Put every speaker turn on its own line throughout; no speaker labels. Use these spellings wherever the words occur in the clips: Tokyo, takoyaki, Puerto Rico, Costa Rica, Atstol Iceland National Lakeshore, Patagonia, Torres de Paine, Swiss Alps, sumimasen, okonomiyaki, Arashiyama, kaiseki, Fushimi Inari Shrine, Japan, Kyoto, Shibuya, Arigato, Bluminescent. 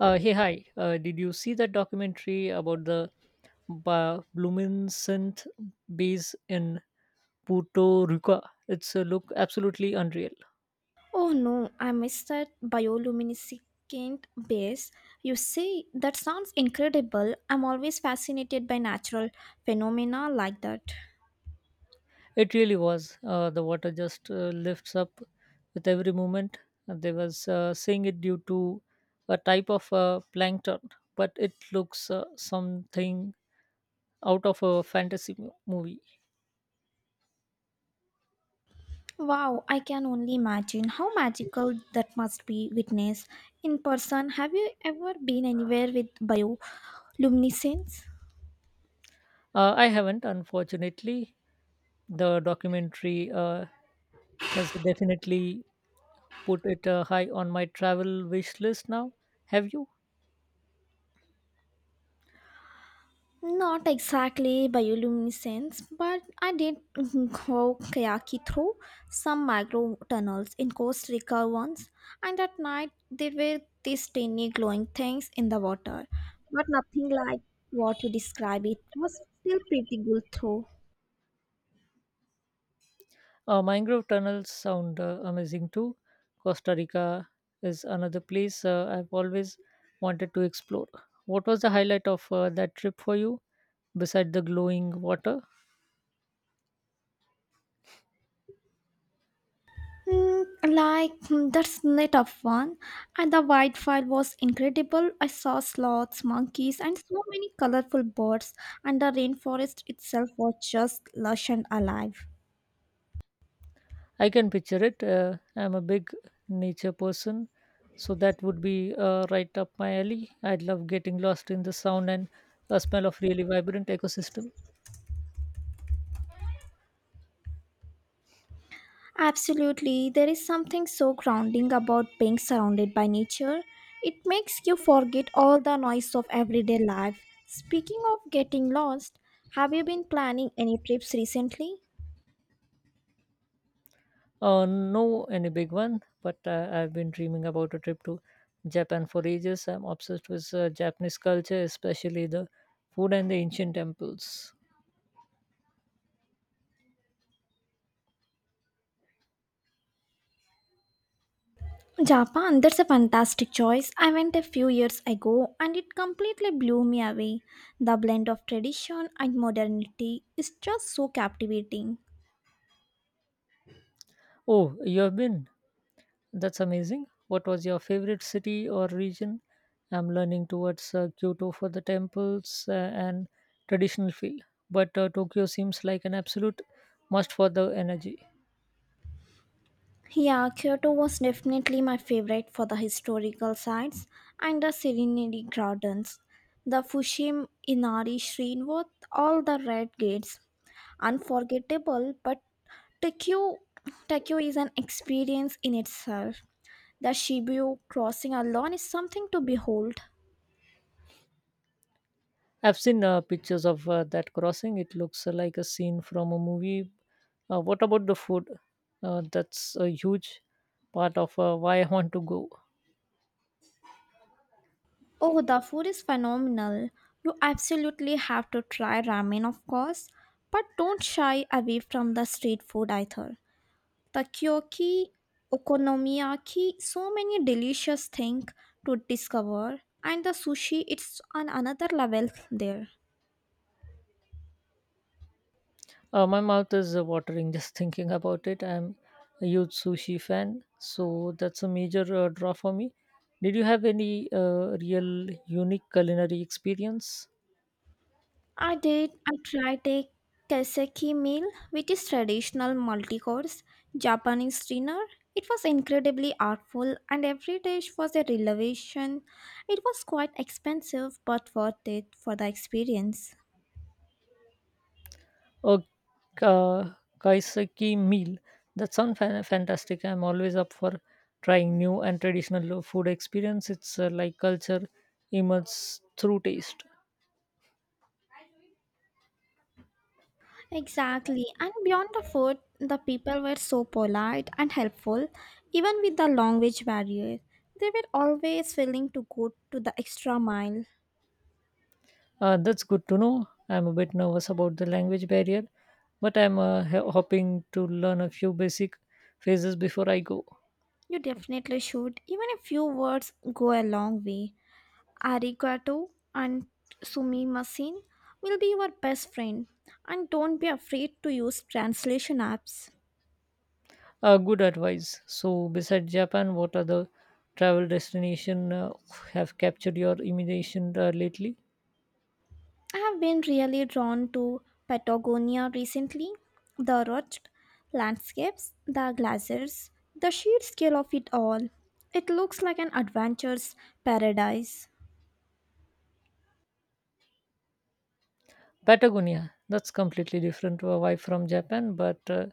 Hey, hi. Did you see that documentary about the Bluminescent base in Puerto Rico? It's look absolutely unreal.
Oh no, I missed that bioluminescent base. You see, that sounds incredible. I'm always fascinated by natural phenomena like that.
It really was. The water just lifts up with every movement. And They was saying it due to a type of plankton, but it looks something out of a fantasy movie.
Wow, I can only imagine how magical that must be witnessed in person. Have you ever been anywhere with bioluminescence?
I haven't, unfortunately. The documentary has definitely put it high on my travel wish list now. Have you?
Not exactly bioluminescence, but I did go kayaking through some micro tunnels in Costa Rica once, and at night there were these tiny glowing things in the water, but nothing like what you describe. It was still pretty good though.
Mangrove tunnels sound amazing too. Costa Rica is another place I've always wanted to explore. What was the highlight of that trip for you, beside the glowing water?
That's the tough one, and the wildfire was incredible. I saw sloths, monkeys, and so many colorful birds, and the rainforest itself was just lush and alive.
I can picture it. I'm a big nature person, so that would be right up my alley. I'd love getting lost in the sound and a smell of really vibrant ecosystem.
Absolutely, there is something so grounding about being surrounded by nature. It makes you forget all the noise of everyday life. Speaking of getting lost, have you been planning any trips recently?
No, any big one, but I've been dreaming about a trip to Japan for ages. I'm obsessed with Japanese culture, especially the food and the ancient temples.
Japan, that's a fantastic choice. I went a few years ago and it completely blew me away. The blend of tradition and modernity is just so captivating.
Oh, you have been? That's amazing. What was your favorite city or region? I'm learning towards Kyoto for the temples and traditional feel, but Tokyo seems like an absolute must for the energy.
Yeah, Kyoto was definitely my favorite for the historical sites and the Serenity Gardens. The Fushim Inari Shrine with all the red gates. Unforgettable, but Tokyo, Tokyo is an experience in itself. The Shibuya crossing alone is something to behold.
I've seen pictures of that crossing. It looks like a scene from a movie. What about the food? That's a huge part of why I want to go.
Oh, the food is phenomenal. You absolutely have to try ramen, of course, but don't shy away from the street food either. Takoyaki, okonomiyaki, so many delicious things to discover, and the sushi, it's on another level there.
My mouth is watering just thinking about it. I'm a huge sushi fan, so that's a major draw for me. Did you have any real unique culinary experience?
I tried a kaiseki meal, which is traditional multi-course Japanese dinner. It was incredibly artful and every dish was a revelation. It was quite expensive but worth it for the experience.
A uh, kaiseki meal? That sounds fantastic. I'm always up for trying new and traditional food experience. It's like culture emerges through taste.
Exactly. And beyond the food, the people were so polite and helpful, even with the language barrier. They were always willing to go to the extra mile.
That's good to know. I'm a bit nervous about the language barrier, but I'm hoping to learn a few basic phrases before I go.
You definitely should. Even a few words go a long way. Arigato and sumimasen will be your best friend. And don't be afraid to use translation apps.
Good advice. So, besides Japan, what other travel destination have captured your imagination lately?
I have been really drawn to Patagonia recently. The rugged landscapes, the glaciers, the sheer scale of it all. It looks like an adventure's paradise.
Patagonia. That's completely different vibe from Japan, but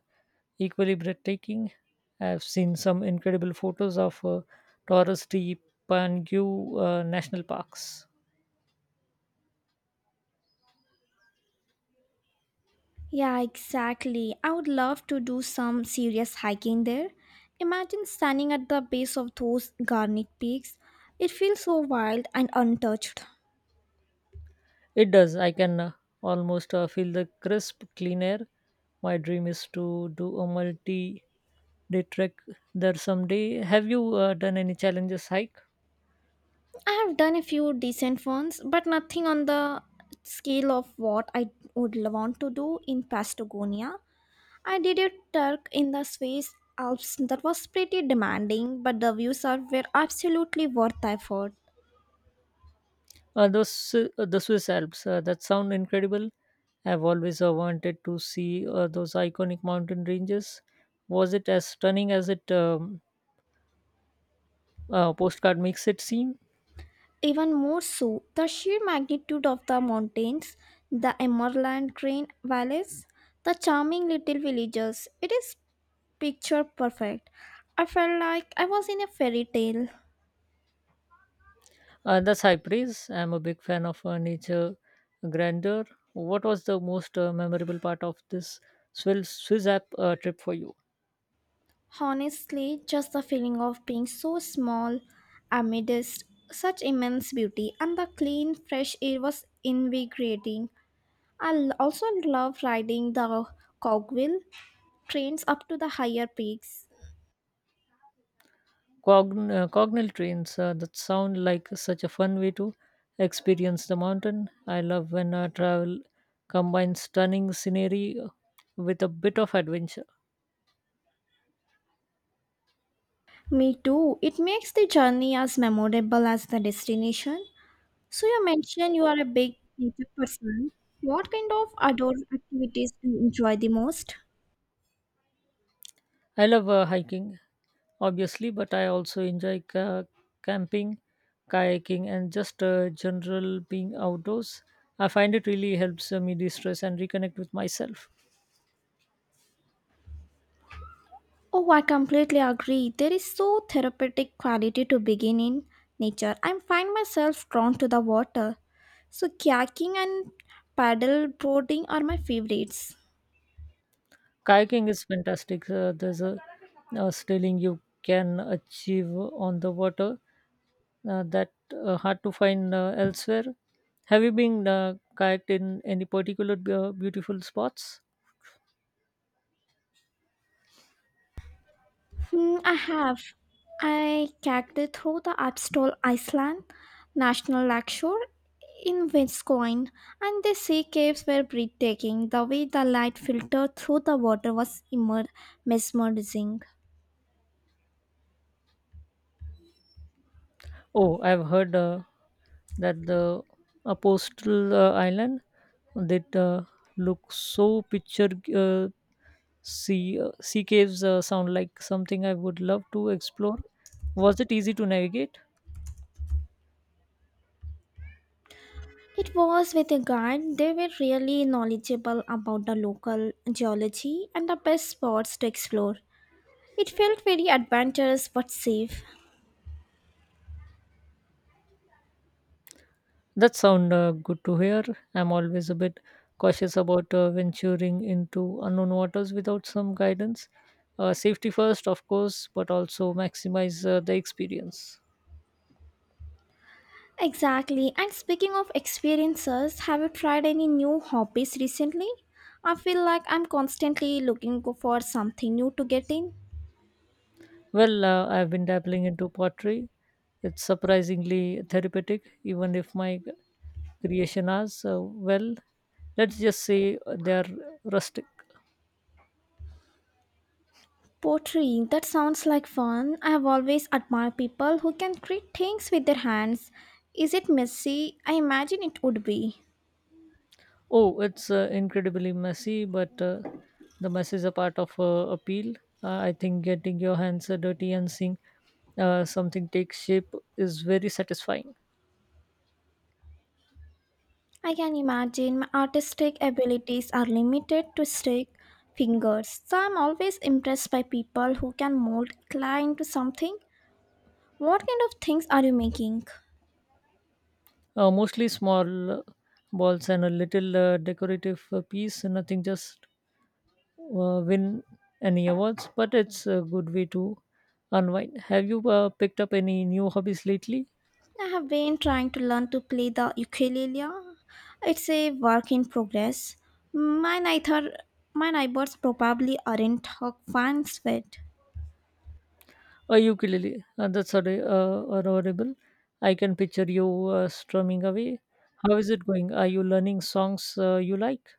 equally breathtaking. I've seen some incredible photos of Torres de Paine National Parks.
Yeah, exactly. I would love to do some serious hiking there. Imagine standing at the base of those garnet peaks. It feels so wild and untouched.
It does. I can almost feel the crisp, clean air. My dream is to do a multi day trek there someday. Have you done any challenges hike?
I have done a few decent ones, but nothing on the scale of what I would want to do in Patagonia. I did a Turk in the Swiss Alps that was pretty demanding, but the views are were absolutely worth the effort.
The Swiss Alps, that sound incredible. I've always wanted to see those iconic mountain ranges. Was it as stunning as it postcard makes it seem?
Even more so, the sheer magnitude of the mountains, the Emerald Green valleys, the charming little villages, it is picture perfect. I felt like I was in a fairy tale.
That's high praise. I'm a big fan of nature grandeur. What was the most memorable part of this Swiss app trip for you?
Honestly, just the feeling of being so small amidst such immense beauty, and the clean, fresh air was invigorating. I also love riding the cogwheel trains up to the higher peaks.
Cognal trains, that sound like such a fun way to experience the mountain. I love when travel combines stunning scenery with a bit of adventure.
Me too. It makes the journey as memorable as the destination. So, you mentioned you are a big nature person. What kind of outdoor activities do you enjoy the most?
I love hiking, obviously, but I also enjoy camping, kayaking, and just general being outdoors. I find it really helps me de-stress and reconnect with myself.
Oh, I completely agree. There is so therapeutic quality to being in nature. I find myself drawn to the water. So kayaking and paddle boarding are my favorites.
Kayaking is fantastic. There's a sailing you can achieve on the water, that hard to find elsewhere. Have you been kayaked in any particular beautiful spots?
Hmm, I have. I kayaked through the Atstol Iceland National Lakeshore in Wisconsin, and the sea caves were breathtaking. The way the light filtered through the water was immer- mesmerizing.
Oh, I've heard that the a postal island that look so picture, uh, sea caves sound like something I would love to explore. Was it easy to navigate?
It was with a guide. They were really knowledgeable about the local geology and the best spots to explore. It felt very adventurous but safe.
That sound good to hear. I'm always a bit cautious about venturing into unknown waters without some guidance. Safety first, of course, but also maximize the experience.
Exactly. And speaking of experiences, have you tried any new hobbies recently? I feel like I'm constantly looking for something new to get in.
Well, I've been dabbling into pottery. It's surprisingly therapeutic, even if my creation as, well, let's just say they're rustic.
Pottery, that sounds like fun. I have always admired people who can create things with their hands. Is it messy? I imagine it would be.
Oh, it's incredibly messy, but the mess is a part of appeal. I think getting your hands dirty and seeing something take shape is very satisfying.
I can imagine my artistic abilities are limited to stick fingers, so I'm always impressed by people who can mold clay into something. What kind of things are you making?
Mostly small balls and a little decorative piece, nothing just win any awards, but it's a good way to unwind. Have you picked up any new hobbies lately?
I have been trying to learn to play the ukulele. It's a work in progress. My neither my neighbors probably aren't hook fans with.
A ukulele, adorable. I can picture you strumming away. How is it going? Are you learning songs you like?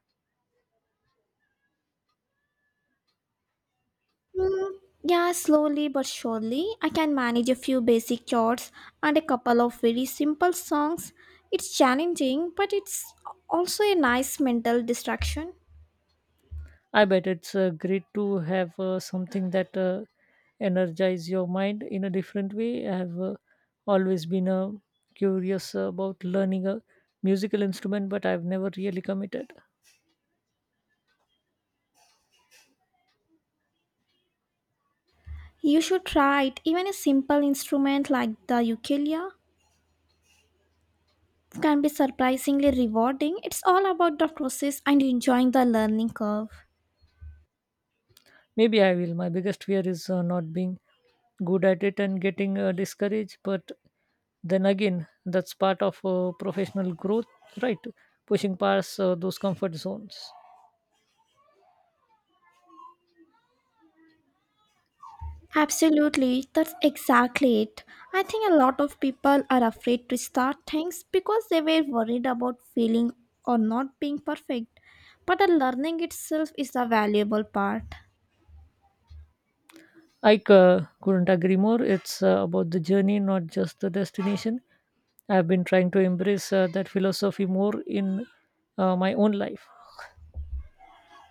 Mm, Yeah, slowly but surely, I can manage a few basic chords and a couple of very simple songs. It's challenging, but it's also a nice mental distraction.
I bet it's great to have something that energize your mind in a different way. I have always been curious about learning a musical instrument, but I've never really committed.
You should try it. Even a simple instrument like the ukulele can be surprisingly rewarding. It's all about the process and enjoying the learning curve.
Maybe I will. My biggest fear is not being good at it and getting discouraged. But then again, that's part of professional growth, right? Pushing past those comfort zones.
Absolutely, that's exactly it. I think a lot of people are afraid to start things because they were worried about failing or not being perfect. But the learning itself is the valuable part.
I couldn't agree more. It's about the journey, not just the destination. I've been trying to embrace that philosophy more in my own life.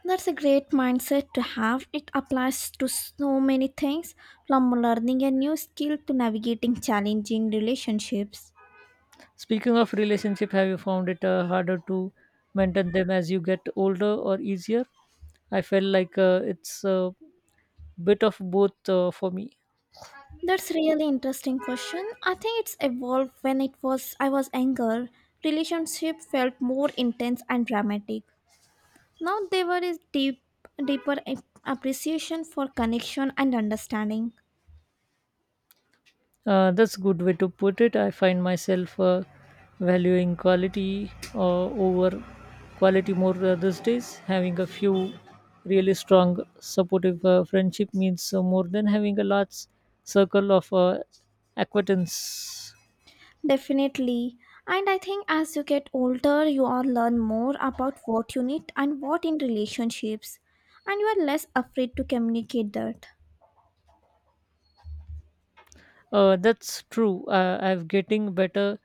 That's a great mindset to have. It applies to so many things, from learning a new skill to navigating challenging relationships.
Speaking of relationship, have you found it harder to maintain them as you get older or easier? I felt like it's bit of both for me.
That's really interesting question. I think it's evolved when it was I was younger. Relationship felt more intense and dramatic. Now there is deep, deeper appreciation for connection and understanding.
That's a good way to put it. I find myself valuing quality over quality more these days. Having a few really strong, supportive friendship means more than having a large circle of acquaintance.
Definitely. And I think as you get older, you all learn more about what you need and what in relationships, and you are less afraid to communicate that.
That's true. I'm getting better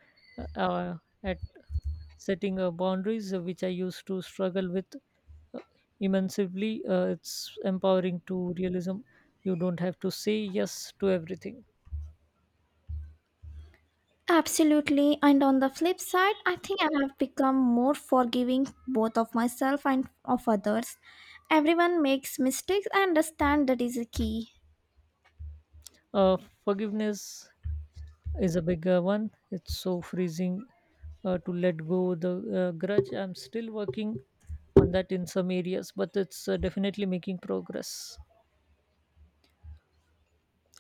uh, at setting boundaries, which I used to struggle with uh, immensely. It's empowering to realism. You don't have to say yes to everything.
Absolutely. And on the flip side, I think I have become more forgiving, both of myself and of others. Everyone makes mistakes. I understand that is a key.
Uh, Forgiveness is a bigger one. It's so freezing to let go the grudge. I'm still working on that in some areas, but it's definitely making progress.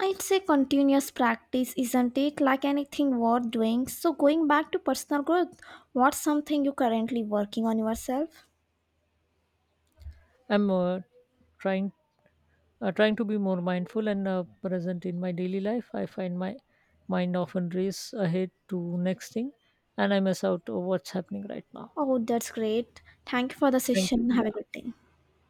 It's a continuous practice, isn't it? Like anything worth doing. So, going back to personal growth, what's something you're currently working on yourself?
I'm trying trying to be more mindful and present in my daily life. I find my mind often race ahead to next thing, and I miss out on what's happening right now.
Oh, that's great. Thank you for the
Thank you.
session. Have a
Yeah.
good day.